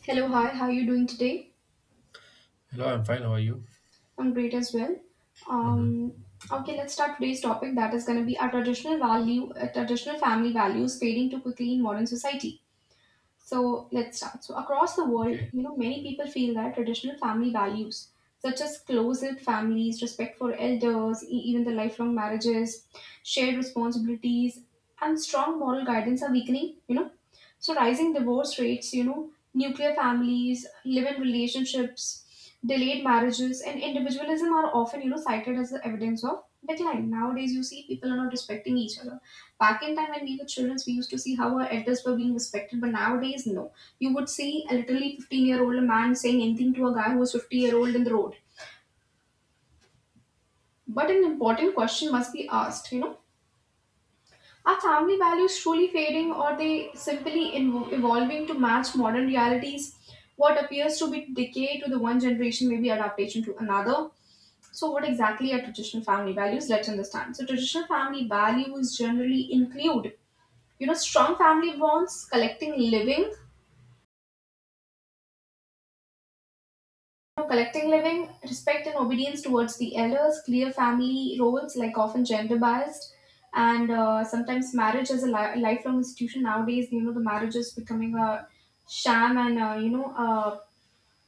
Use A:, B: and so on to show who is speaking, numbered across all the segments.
A: Hello, hi, how are you doing today?
B: Hello, I'm fine. How are you?
A: I'm great as well.
B: Hmm.
A: Um, okay, let's start today's topic that is going to be our traditional family values fading too quickly in modern society. So let's start. So across the world,
B: Okay.
A: you know, many people feel that traditional family values, such as close families, respect for elders, even the lifelong marriages, shared responsibilities, and strong moral guidance are weakening. You know, so rising divorce rates, you know, nuclear families, live-in relationships, delayed marriages, and individualism are often cited as the evidence of decline. Nowadays, you see people are not respecting each other. Back in time when we were children, we used to see how our elders were being respected, but nowadays, no. You would see a literally 15-year-old man saying anything to a guy who was 50-year-old in the road. But an important question must be asked, you know, are family values truly fading or they simply evolving to match modern realities? What appears to be decay to the one generation may be adaptation to another. So, what exactly are traditional family values? Let's understand. So, traditional family values generally include, you know, strong family bonds, collecting living, respect and obedience towards the elders, clear family roles, like often gender biased, and sometimes marriage as a lifelong institution. Nowadays, you know, the marriage is becoming a sham and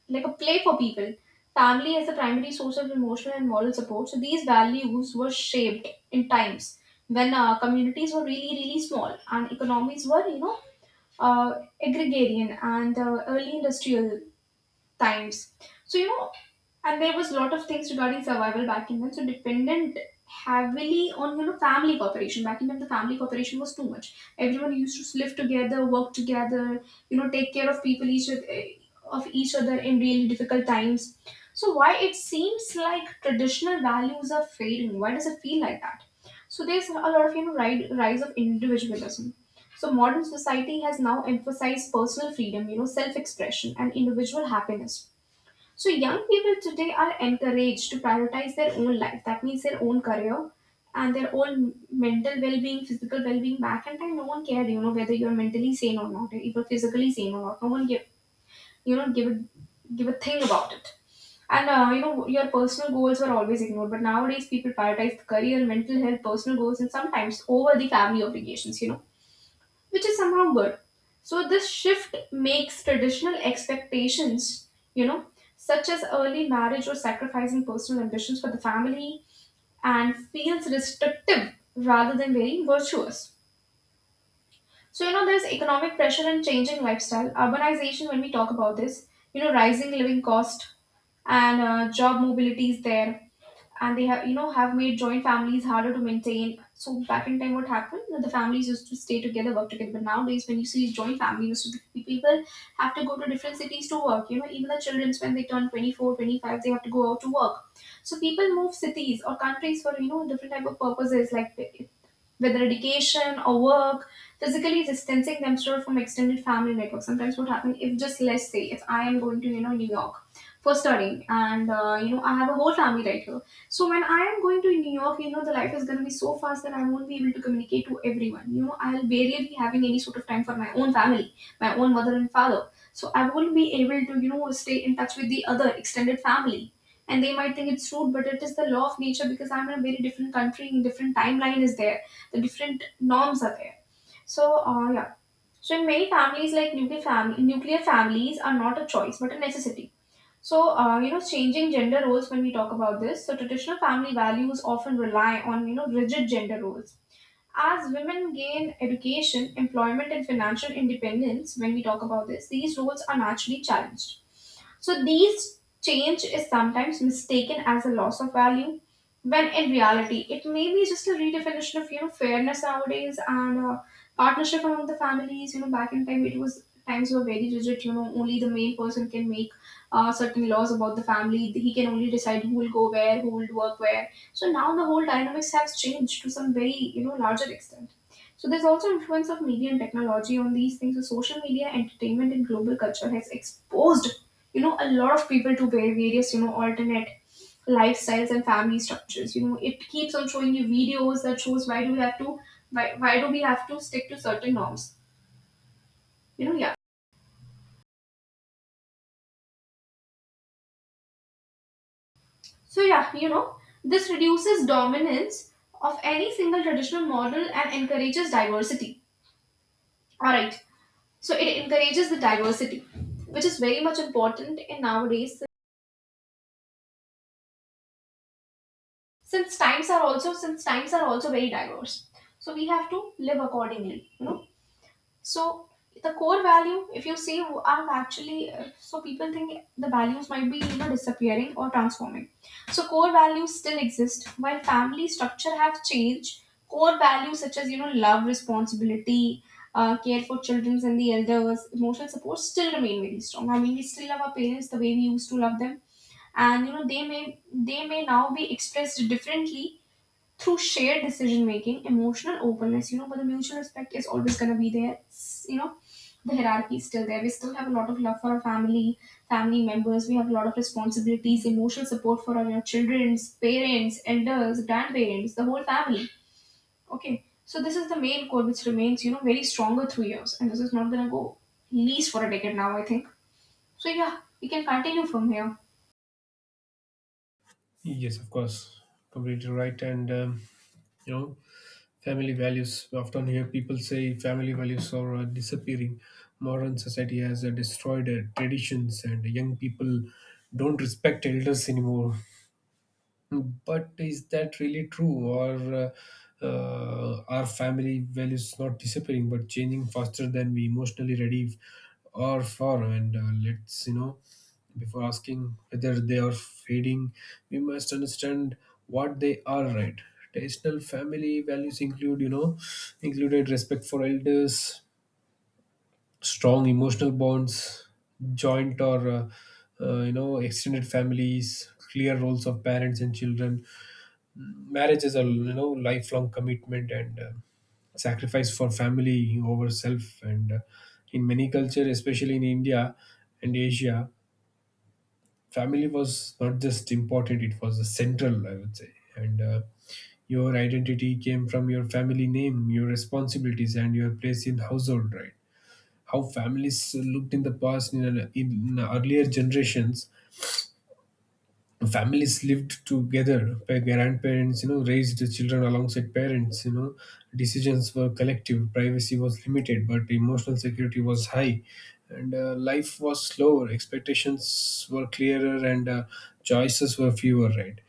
A: like a play for people. Family as the primary source of emotional and moral support. So these values were shaped in times when communities were really, really small and economies were, you know, agrarian and early industrial times. So you know, and there was a lot of things regarding survival back in then. So dependent heavily on you know family cooperation. Back in then, the family cooperation was too much. Everyone used to live together, work together, you know, take care of people each oth- eh, of each other in really difficult times. So why it seems like traditional values are fading? Why does it feel like that? So there's a lot of you know rise of individualism. So modern society has now emphasized personal freedom, you know, self-expression and individual happiness so young people today are encouraged to prioritize their own life. That means their own career and their own mental well-being, physical well-being. Back in time, no one cared, you know, whether you're mentally sane or not, if you're physically sane or not. No one give, you know, give it, give a thing about it. And you know, your personal goals were always ignored. But nowadays, people prioritize the career, mental health, personal goals, and sometimes over the family obligations. You know which is somehow good. So this shift makes traditional expectations, you know, such as early marriage or sacrificing personal ambitions for the family and feels restrictive rather than very virtuous. So, you know, there's economic pressure and changing lifestyle, urbanization when we talk about this, you know, rising living cost and job mobility is there and they have you know have made joint families harder to maintain so back in time what happened that the families used to stay together work together but nowadays when you see joint families so the people have to go to different cities to work you know even the children when they turn 24, 25, they have to go out to work so people move cities or countries for you know different type of purposes like whether education or work, physically distancing themselves from extended family network. Sometimes what happens if just let's say if I am going to you know New York for studying and you know I have a whole family right here. So when I am going to New York, you know the life is going to be so fast that I won't be able to communicate to everyone. You know I'll barely be having any sort of time for my own family, my own mother and father. So I won't be able to you know stay in touch with the other extended family. And they might think it's rude, but it is the law of nature because I'm in a very different country, different timeline is there the different norms are there so yeah so in many families like nuclear families are not a choice but a necessity so you know changing gender roles when we talk about this so traditional family values often rely on you know rigid gender roles as women gain education, employment, and financial independence, when we talk about this, these roles are naturally challenged. So, these change is sometimes mistaken as a loss of value, when in reality, it may be just a redefinition of you know fairness nowadays and partnership among the families. You know, back in time, it was times were very rigid. You know, only the main person can make certain laws about the family. He can only decide who will go where, who will work where so now the whole dynamics has changed to some very you know larger extent. So there's also influence of media and technology on these things. So social media, entertainment, and global culture has exposed you know a lot of people to various you know alternate lifestyles and family structures. You know it keeps on showing you videos that shows why do we have to stick to certain norms. You know yeah. So yeah you know this reduces dominance of any single traditional model and encourages diversity. All right. So it encourages the diversity, which is very much important in nowadays since times are also very diverse. So we have to live accordingly, you know, So the core value, if you see, are actually so people think the values might be you know disappearing or transforming. So core values still exist while family structure have changed. Core values such as you know love, responsibility, care for children and the elders, emotional support still remain very strong. I mean, we still love our parents the way we used to love them, and you know they may now be expressed differently through shared decision making, emotional openness, you know, but the mutual respect is always gonna be there. It's, you know, the hierarchy is still there. We still have a lot of love for our family, family members. We have a lot of responsibilities, emotional support for our children's parents, elders, grandparents, the whole family. Okay, so this is the main core which remains, you know, very stronger through years, and this is not gonna go least for a decade now, I think. So yeah, we can continue from here.
B: Yes, of course, completely right. And you know, family values. We often hear people say family values are disappearing. Modern society has destroyed traditions, and young people don't respect elders anymore. But is that really true, or are family values not disappearing but changing faster than we emotionally ready or for? And let's, before asking whether they are fading, we must understand what they are. Right? Traditional family values included respect for elders, strong emotional bonds, joint or extended families, clear roles of parents and children, marriage is a lifelong commitment, and sacrifice for family over self. And in many culture, especially in India and Asia, family was not just important, it was central, I would say. And your identity came from your family name, your responsibilities, and your place in household. Right? How families looked in the past, in earlier generations. Families lived together by grandparents, raised the children alongside parents. Decisions were collective, privacy was limited, but emotional security was high. And life was slower, expectations were clearer, and choices were fewer. Right?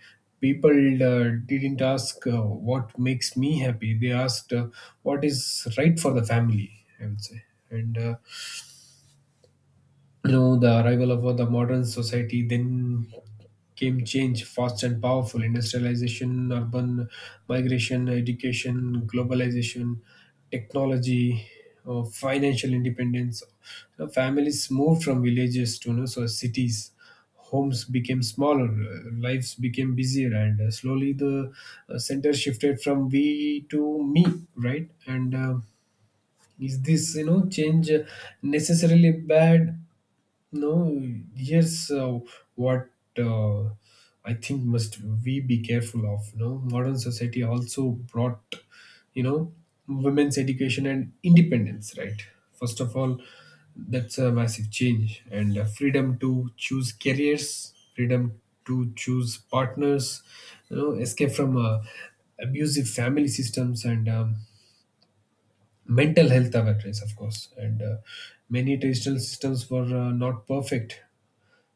B: People didn't ask what makes me happy. They asked what is right for the family, I would say. And the arrival of the modern society, then came change fast and powerful. Industrialization, urban migration, education, globalization, technology, financial independence. Families moved from villages to, so, cities. Homes became smaller, lives became busier, and slowly the center shifted from we to me. Right? And is this change necessarily bad? No, yes, what uh, I think must we be careful of. You know, modern society also brought, you know, women's education and independence, right? First of all, that's a massive change, and freedom to choose careers, freedom to choose partners, escape from abusive family systems, and mental health awareness, of course. And many traditional systems were not perfect.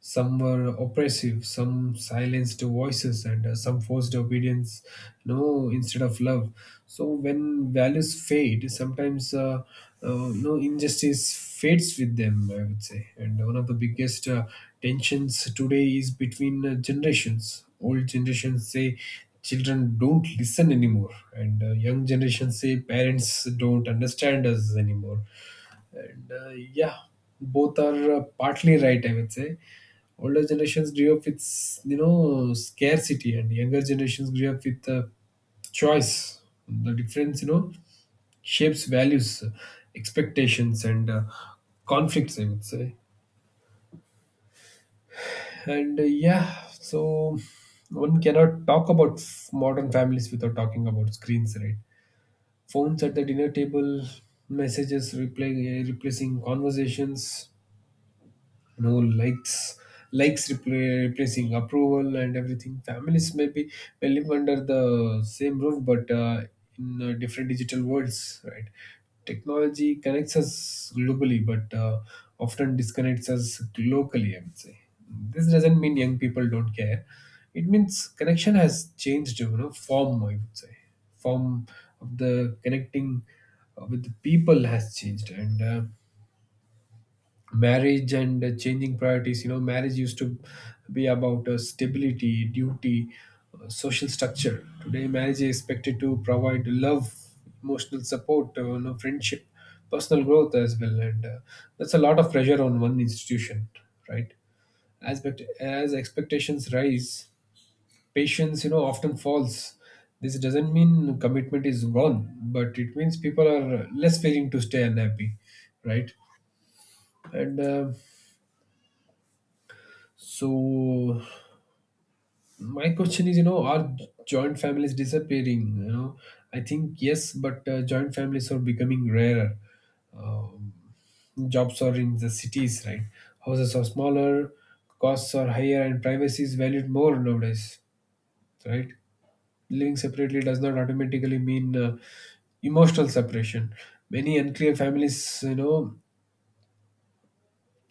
B: Some were oppressive, some silenced voices, and some forced obedience, no, instead of love. So when values fade, sometimes you injustice fades with them, I would say. And one of the biggest tensions today is between generations. Old generations say children don't listen anymore, and young generations say parents don't understand us anymore. Yeah, both are partly right, I would say. Older generations grew up with, scarcity, and younger generations grew up with choice. The difference, shapes values, expectations, and conflicts, I would say. And one cannot talk about modern families without talking about screens, right? Phones at the dinner table, messages reply, replacing conversations, you know likes likes replacing approval, and everything. Families may be, may live under the same roof, but in different digital worlds. Right? Technology connects us globally, but often disconnects us locally, I would say. This doesn't mean young people don't care. It means connection has changed, form, I would say. Form of the connecting with the people has changed. And marriage and changing priorities. Marriage used to be about stability, duty, social structure. Today marriage is expected to provide love, emotional support, friendship, personal growth as well. And that's a lot of pressure on one institution, right? As but as expectations rise, patience often falls. This doesn't mean commitment is gone, but it means people are less willing to stay unhappy. Right? And So my question is, are joint families disappearing? You know, I think yes, but joint families are becoming rarer. Um, Jobs are in the cities, right? Houses are smaller, costs are higher, and privacy is valued more nowadays, right? Living separately does not automatically mean emotional separation. Many unclear families, you know,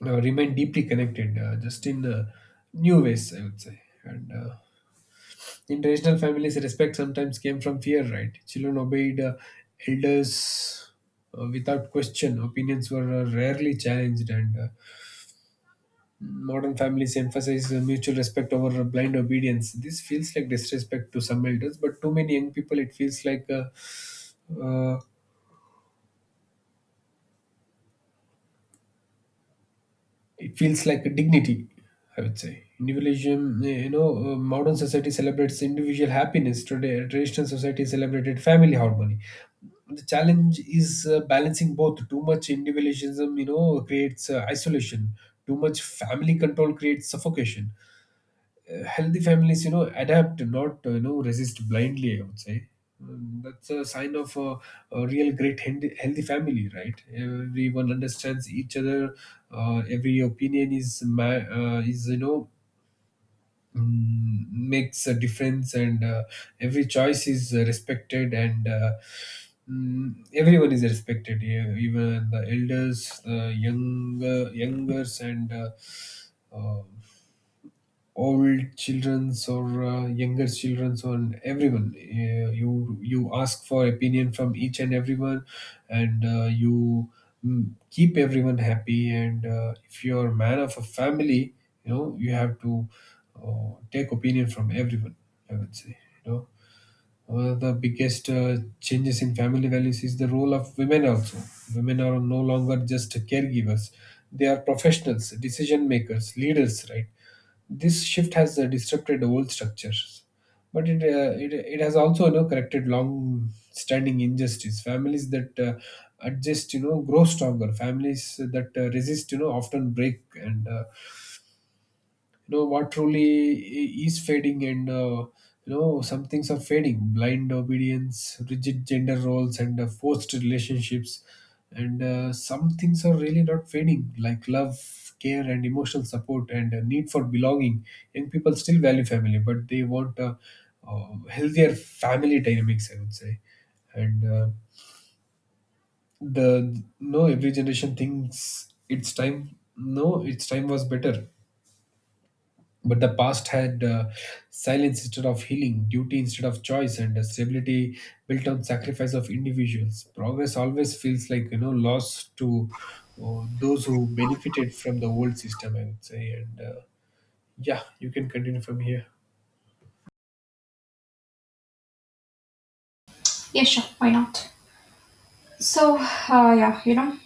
B: uh, remain deeply connected, just in new ways, I would say. And in traditional families, respect sometimes came from fear, right? Children obeyed elders without question. Opinions were rarely challenged, and modern families emphasize mutual respect over blind obedience. This feels like disrespect to some elders, but to many young people, uh, it feels like a dignity, I would say. Individualism, modern society celebrates individual happiness today. Traditional society celebrated family harmony. The challenge is balancing both. Too much individualism creates isolation. Too much family control creates suffocation. Healthy families adapt, not resist blindly, I would say. That's a sign of a real great healthy family. Right? Everyone understands each other. Every opinion is ma- is you know mm, makes a difference. And every choice is respected. And everyone is respected, yeah, even the elders, the younger youngers, and um, old children's or younger children's on everyone. You you ask for opinion from each and everyone. And keep everyone happy. And if you're a man of a family, you know, you have to take opinion from everyone, I would say. You know, one of the biggest changes in family values is the role of women also. Women are no longer just caregivers, they are professionals, decision makers, leaders, right? This shift has disrupted old structures. But it has also, you know, corrected long standing injustice. Families that adjust, you know, grow stronger. Families that resist, you know, often break. And you know what truly is fading. And you know, some things are fading, blind obedience, rigid gender roles, and forced relationships. And some things are really not fading, like love, care, and emotional support, and need for belonging. Young people still value family, but they want healthier family dynamics, I would say. And the no every generation thinks it's time. No, its time was better. But the past had silence instead of healing, duty instead of choice, and stability built on sacrifice of individuals. Progress always feels like loss to those who benefited from the old system, I would say. And yeah, you can continue from here.
A: Yes, sure. Why not? So yeah, you know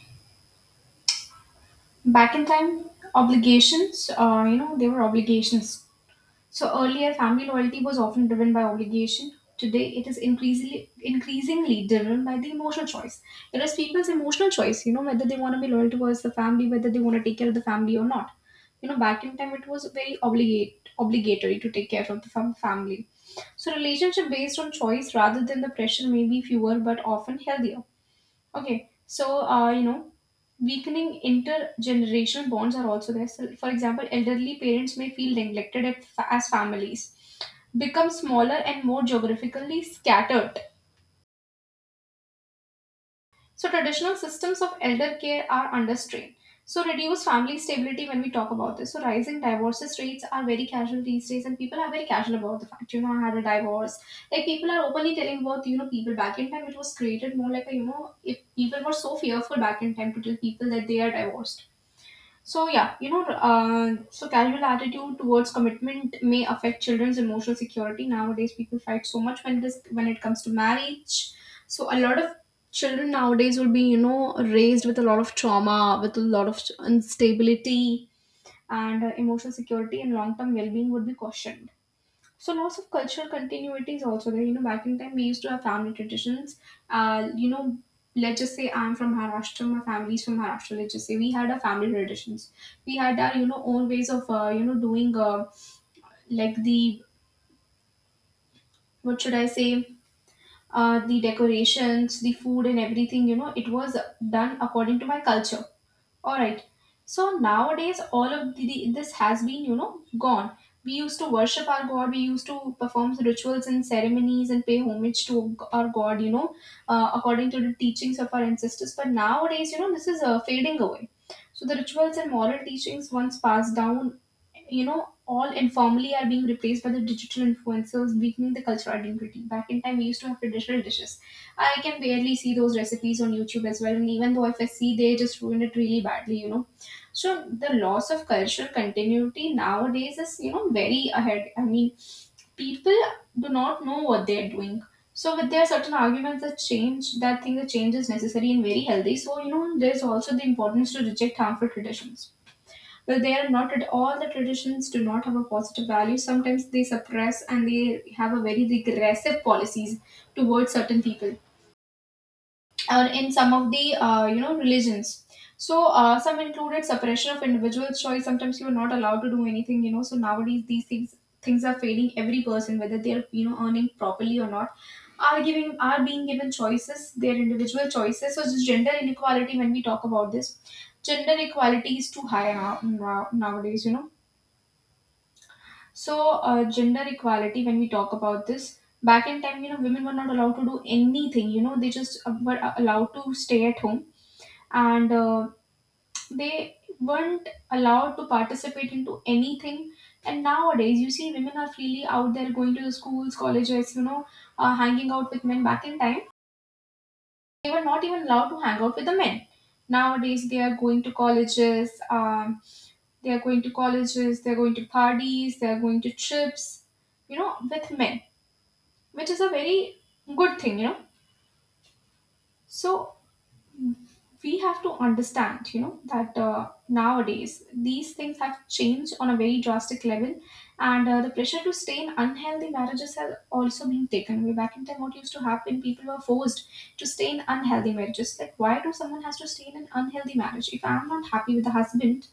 A: back in time obligations you know they were obligations so earlier family loyalty was often driven by obligation today it is increasingly driven by the emotional choice it is people's emotional choice you know whether they want to be loyal towards the family whether they want to take care of the family or not you know back in time it was very obligate obligatory to take care of the family so relationship based on choice rather than the pressure may be fewer but often healthier. Okay, so you know, weakening intergenerational bonds are also there. So, for example, elderly parents may feel neglected at, as families become smaller and more geographically scattered so traditional systems of elder care are under strain. So reduced family stability when we talk about this. So rising divorces rates are very casual these days and people are very casual about the fact, you know, I had a divorce. Like people are openly telling about, you know, people back in time it was created more like a, you know, if people were so fearful back in time to tell people that they are divorced so yeah, you know, so casual attitude towards commitment may affect children's emotional security. Nowadays, people fight so much when it comes to marriage. So a lot of children nowadays will be you know raised with a lot of trauma, with a lot of instability, and emotional security and long term well being would be cautioned. So loss of cultural continuity is also there. You know, back in time we used to have family traditions. You know, let's just say I'm from Maharashtra, my family's from Maharashtra. Let's just say we had our family traditions. We had our you know own ways of you know doing like the what should I say the decorations, the food, and everything. You know, it was done according to my culture. All right. So nowadays, all of this has been, you know, gone. We used to worship our God. We used to perform rituals and ceremonies and pay homage to our God, you know, according to the teachings of our ancestors. But nowadays, you know, this is fading away. So the rituals and moral teachings, once passed down, you know, all informally are being replaced by the digital influencers, weakening the cultural identity. Back in time, we used to have traditional dishes. I can barely see those recipes on YouTube as well. And even though if I see, they just ruin it really badly. So the loss of cultural continuity nowadays is, you know, very ahead. I mean, people do not know what they're doing. So with there are certain arguments that change that think that change is necessary and very healthy. So you know there's also the importance to reject harmful traditions. Well, they are not at all the traditions do not have a positive value. Sometimes they suppress and they have a very regressive policies towards certain people or in some of the you know religions so some included suppression of individual choice, sometimes you are not allowed to do anything, you know, so nowadays these things are failing. Every person, whether they're you know earning properly or not, are being given choices, their individual choices. So just gender inequality, when we talk about this, gender equality is too high now, nowadays you know. So, gender equality, when we talk about this, back in time, you know, women were not allowed to do anything, you know, they just were allowed to stay at home and they weren't allowed to participate into anything. And nowadays, you see, women are freely out there going to the schools, colleges, you know, hanging out with men. Back in time, they were not even allowed to hang out with the men. Nowadays, they are going to colleges, they are going to colleges, they are going to parties, they are going to trips, you know, with men, which is a very good thing, you know. So we have to understand you know that nowadays these things have changed on a very drastic level, and the pressure to stay in unhealthy marriages has also been taken away. Back in time what used to happen, people were forced to stay in unhealthy marriages. Like why do someone has to stay in an unhealthy marriage if I'm not happy with the husband,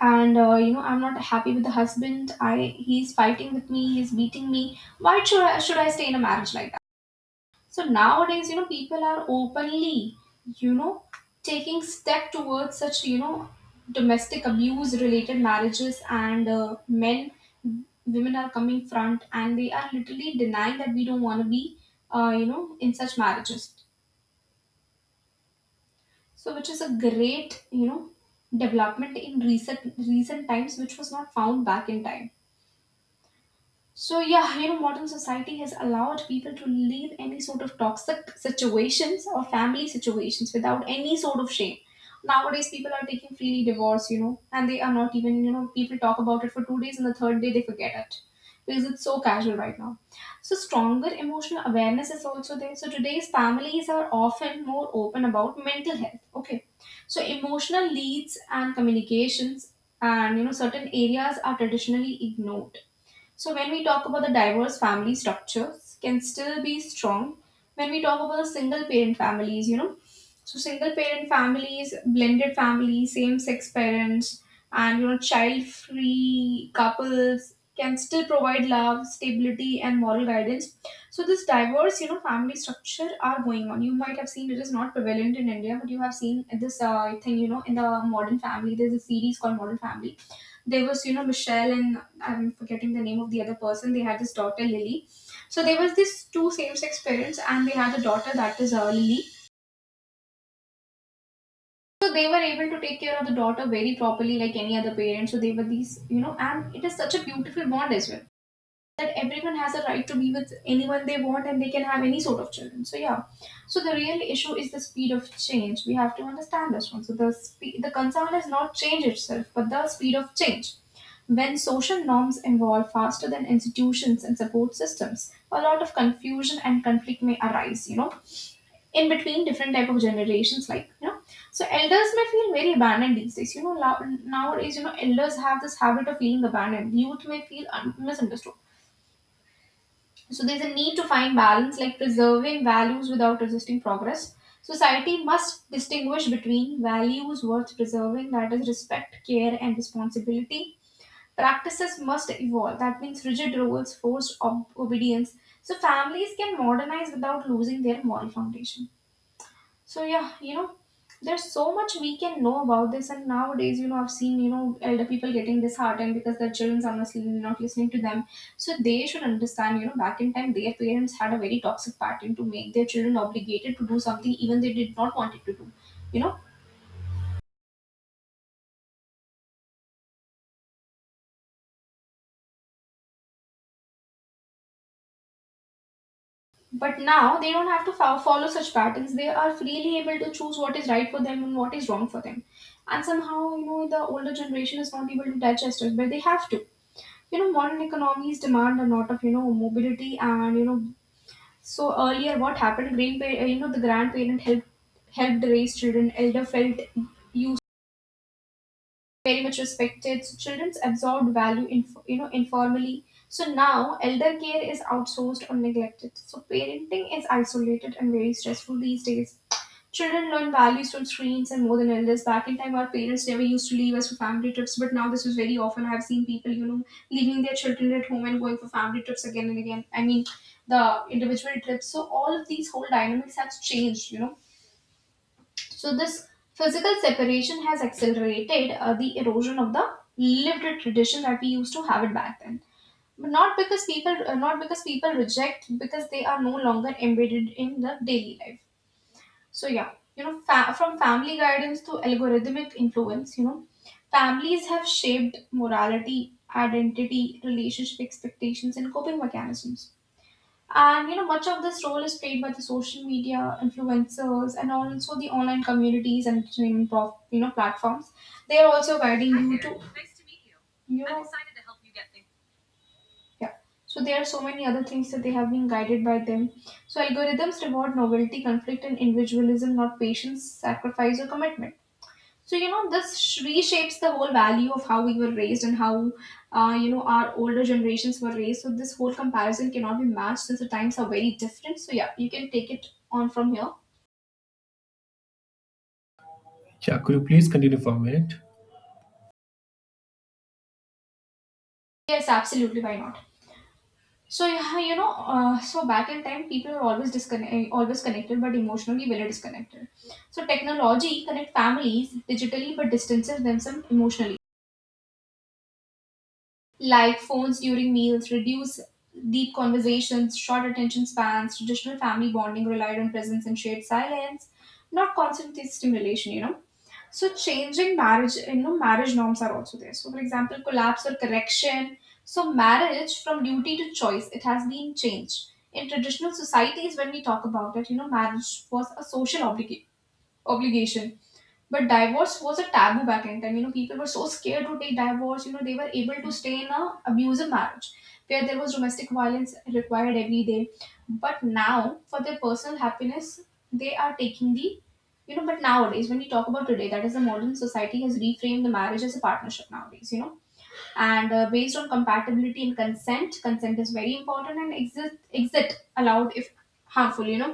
A: and you know I'm not happy with the husband, I he's fighting with me, he's beating me, why should I should I stay in a marriage like that? So nowadays, you know, people are openly, you know, taking step towards such, you know, domestic abuse related marriages, and women are coming front and they are literally denying that we don't want to be, you know, in such marriages. So which is a great, you know, development in recent times, which was not found back in time. So yeah, you know, modern society has allowed people to leave any sort of toxic situations or family situations without any sort of shame. Nowadays, people are taking freely divorce, you know, and they are not even, you know, people talk about it for 2 days and the third day they forget it because it's so casual right now. So stronger emotional awareness is also there. So today's families are often more open about mental health. Okay, so emotional leads and communications and you know certain areas are traditionally ignored. So when we talk about the diverse family structures can still be strong, when we talk about the single parent families, you know. So single parent families, blended families, same sex parents and you know child free couples can still provide love, stability and moral guidance. So this diverse, you know, family structure are going on. You might have seen it is not prevalent in India, but you have seen this thing, you know, in the modern family. There's a series called Modern Family. There was you know Michelle, and I'm forgetting the name of the other person. They had this daughter Lily. So there was this two same-sex parents, and they had a daughter, that is Lily. So they were able to take care of the daughter very properly, like any other parent. So they were these, you know, and it is such a beautiful bond as well, that everyone has a right to be with anyone they want and they can have any sort of children. So yeah, so the real issue is the speed of change. We have to understand this one. So the concern is not change itself, but the speed of change. When social norms evolve faster than institutions and support systems, a lot of confusion and conflict may arise. You know, in between different type of generations, like you know. So elders may feel very abandoned these days. You know, nowadays, you know, elders have this habit of feeling abandoned. Youth may feel misunderstood, so there's a need to find balance, like preserving values without resisting progress. Society must distinguish between values worth preserving, that is, respect, care, and responsibility. Practices must evolve, that means rigid rules, forced obedience. So families can modernize without losing their moral foundation. So yeah, you know, there's so much we can know about this, and nowadays, you know, I've seen you know elder people getting disheartened because their childrens are not listening to them. So they should understand, you know, back in time, their parents had a very toxic pattern to make their children obligated to do something even they did not want it to do, you know. But now they don't have to follow such patterns. They are freely able to choose what is right for them and what is wrong for them. And somehow, you know, the older generation is not able to digest it, but they have to, you know, modern economies demand a lot of you know mobility and you know. So earlier what happened, you know, the grandparent helped raise children, elder felt you very much respected. So children's absorbed value, you know, informally. So now elder care is outsourced or neglected. So parenting is isolated and very stressful these days. Children learn values from screens and more than elders. Back in time, our parents never used to leave us for family trips, but now this is very often. I've seen people, you know, leaving their children at home and going for family trips again and again. I mean, the individual trips. So all of these whole dynamics have changed, you know. So this physical separation has accelerated the erosion of the lived tradition that we used to have it back then. But not because not because people reject, because they are no longer embedded in the daily life. So yeah, you know, from family guidance to algorithmic influence, you know, families have shaped morality, identity, relationship expectations, and coping mechanisms, and you know, much of this role is played by the social media influencers and also the online communities and streaming prof, you know platforms. They are also guiding. Hi you there. To. Nice to meet you. You I'm know, excited to help you get things. Yeah. So there are so many other things that they have been guided by them. So algorithms reward novelty, conflict, and individualism, not patience, sacrifice, or commitment. So, you know, this reshapes the whole value of how we were raised and how, you know, our older generations were raised. So, this whole comparison cannot be matched since the times are very different. So, yeah, you can take it on from here.
B: Yeah, could you please continue for a minute?
A: Yes, absolutely. Why not? So, yeah, you know, so back in time, people were always always connected, but emotionally very disconnected. So, technology connect families digitally, but distances themselves emotionally, like phones during meals, reduce deep conversations, short attention spans. Traditional family bonding relied on presence and shared silence, not constant stimulation, you know. So changing marriage, you know, marriage norms are also there. So for example, collapse or correction. So marriage from duty to choice, it has been changed. In traditional societies, when we talk about it, you know, marriage was a social obligation, but divorce was a taboo back in time. You know, people were so scared to take divorce. You know, they were able to stay in a abusive marriage where there was domestic violence required every day. But now, for their personal happiness, they are taking the, you know. But nowadays, when we talk about today, that is the modern society has reframed the marriage as a partnership nowadays. You know, and based on compatibility and consent is very important, and exit allowed if harmful, you know,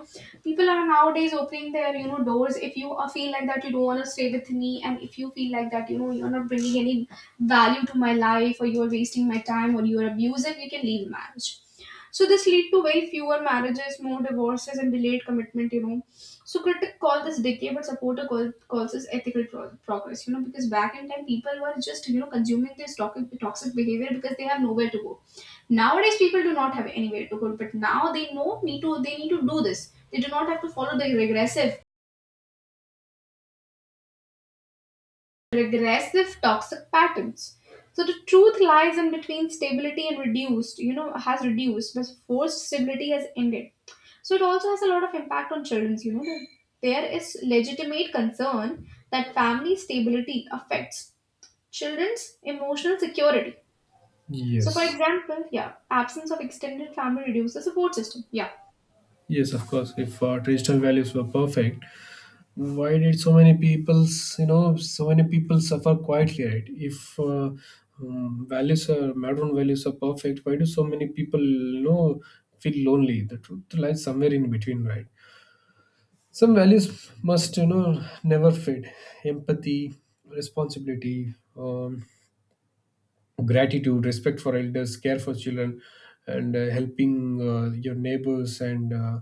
A: people are nowadays opening their you know doors. If you feel like that you don't want to stay with me and if you feel like that you know you're not bringing any value to my life or you're wasting my time or you're abusive, you can leave marriage. So this lead to way fewer marriages, more divorces, and delayed commitment. You know, so critics call this decay, but calls this ethical progress. You know, because back in time people were just you know consuming this toxic behavior because they have nowhere to go. Nowadays people do not have anywhere to go, but now they know need to they need to do this. They do not have to follow the regressive toxic patterns. So the truth lies in between stability and reduced, you know, has reduced, but forced stability has ended. So it also has a lot of impact on children's, you know. That There is legitimate concern that family stability affects children's emotional security. So for
B: Yes.
A: example, yeah, absence of extended family reduces the support system. Yeah.
B: Yes, of course. If traditional values were perfect, why did so many people's, you know, so many people suffer quietly? Right? If values are modern values are perfect, why do so many people, you know, feel lonely? The truth lies somewhere in between, right? Some values must, you know, never fade. Empathy, responsibility, gratitude, respect for elders, care for children, and helping your neighbors. And uh,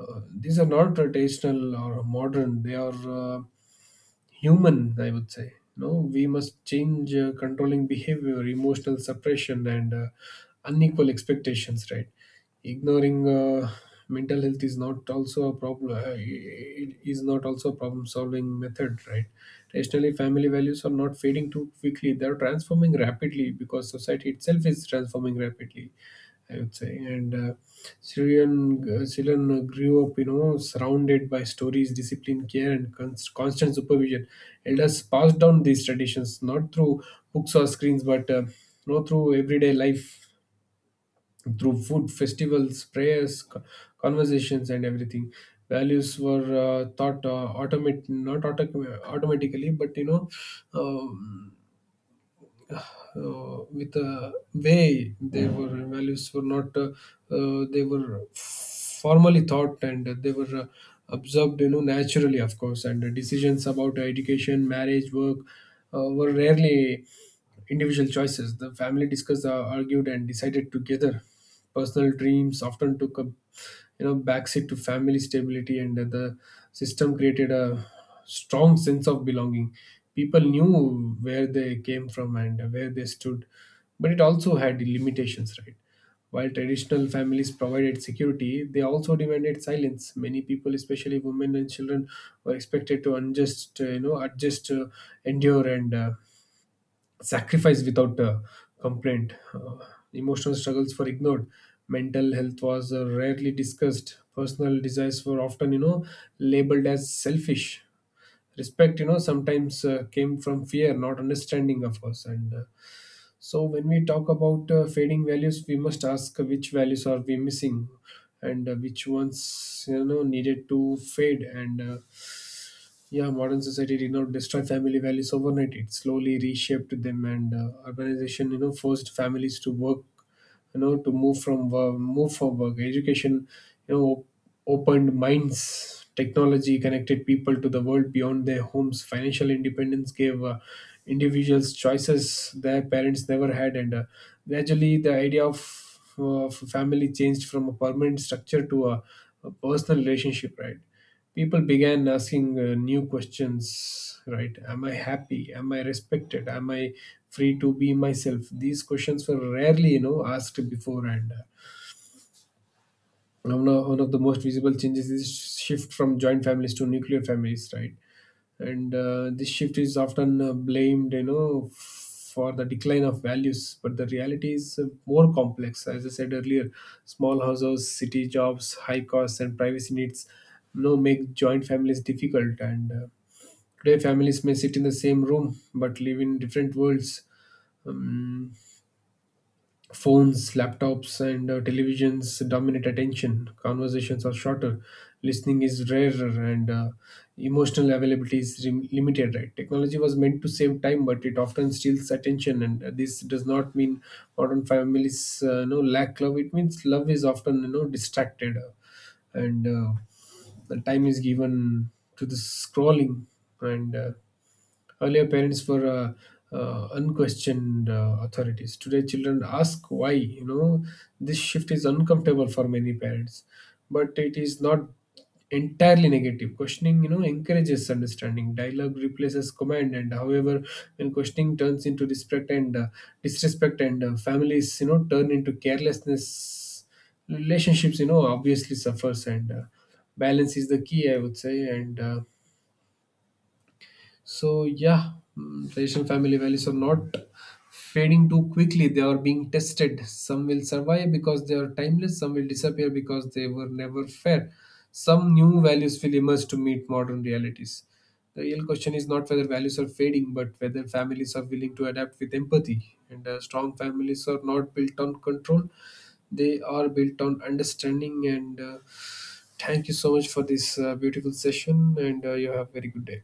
B: uh, these are not traditional or modern, they are human, I would say. No, we must change controlling behavior, emotional suppression, and unequal expectations. Right, ignoring mental health is not also a problem. It is not also a problem-solving method. Right, rationally, family values are not fading too quickly; they are transforming rapidly because society itself is transforming rapidly, I would say. And Syrian Syrian grew up, you know, surrounded by stories, discipline, care, and constant supervision. Elders passed down these traditions not through books or screens, but you know, through everyday life, through food, festivals, prayers, conversations, and everything. Values were taught, automate not automatically, but, you know, uh, with the way they were, values were not, they were formally thought, and they were absorbed, you know, naturally, of course. And the decisions about education, marriage, work were rarely individual choices. The family discussed, argued, and decided together. Personal dreams often took a, you know, backseat to family stability, and the system created a strong sense of belonging. People knew where they came from and where they stood, but it also had limitations, right? While traditional families provided security, they also demanded silence. Many people, especially women and children, were expected to adjust, endure, and sacrifice without complaint. Emotional struggles were ignored. Mental health was rarely discussed. Personal desires were often, you know, labeled as selfish. Respect, you know, sometimes came from fear, not understanding, of course. And so, when we talk about fading values, we must ask which values are we missing, and which ones, you know, needed to fade. And yeah, modern society did not destroy family values overnight. It slowly reshaped them, and urbanization, you know, forced families to work, you know, to move from, move for work. Education, you know, opened minds. Technology connected people to the world beyond their homes. Financial independence gave individuals choices their parents never had, and gradually the idea of family changed from a permanent structure to a personal relationship. Right, people began asking new questions. Right? Am I happy? Am I respected? Am I free to be myself? These questions were rarely, you know, asked before. And one of the most visible changes is shift from joint families to nuclear families, right? And this shift is often blamed, you know, for the decline of values, but the reality is more complex, as I said earlier. Small houses, city jobs, high costs, and privacy needs, you know, make joint families difficult. And today families may sit in the same room but live in different worlds. Um, Phones, laptops, and televisions dominate attention. Conversations are shorter, listening is rarer, and emotional availability is limited. Right? Technology was meant to save time, but it often steals attention. And this does not mean modern families no lack love. It means love is often, you know, distracted, and the time is given to the scrolling, and. Earlier, parents were unquestioned authorities. Today, children ask why. You know, this shift is uncomfortable for many parents, but it is not entirely negative. Questioning, you know, encourages understanding. Dialogue replaces command, and however, when questioning turns into disrespect, and families, you know, turn into carelessness, relationships, you know, obviously suffers, and balance is the key, I would say, and. Traditional family values are not fading too quickly. They are being tested. Some will survive because they are timeless. Some will disappear because they were never fair. Some new values will emerge to meet modern realities. The real question is not whether values are fading, but whether families are willing to adapt with empathy. And strong families are not built on control; they are built on understanding. And thank you so much for this beautiful session. And you have a very good day.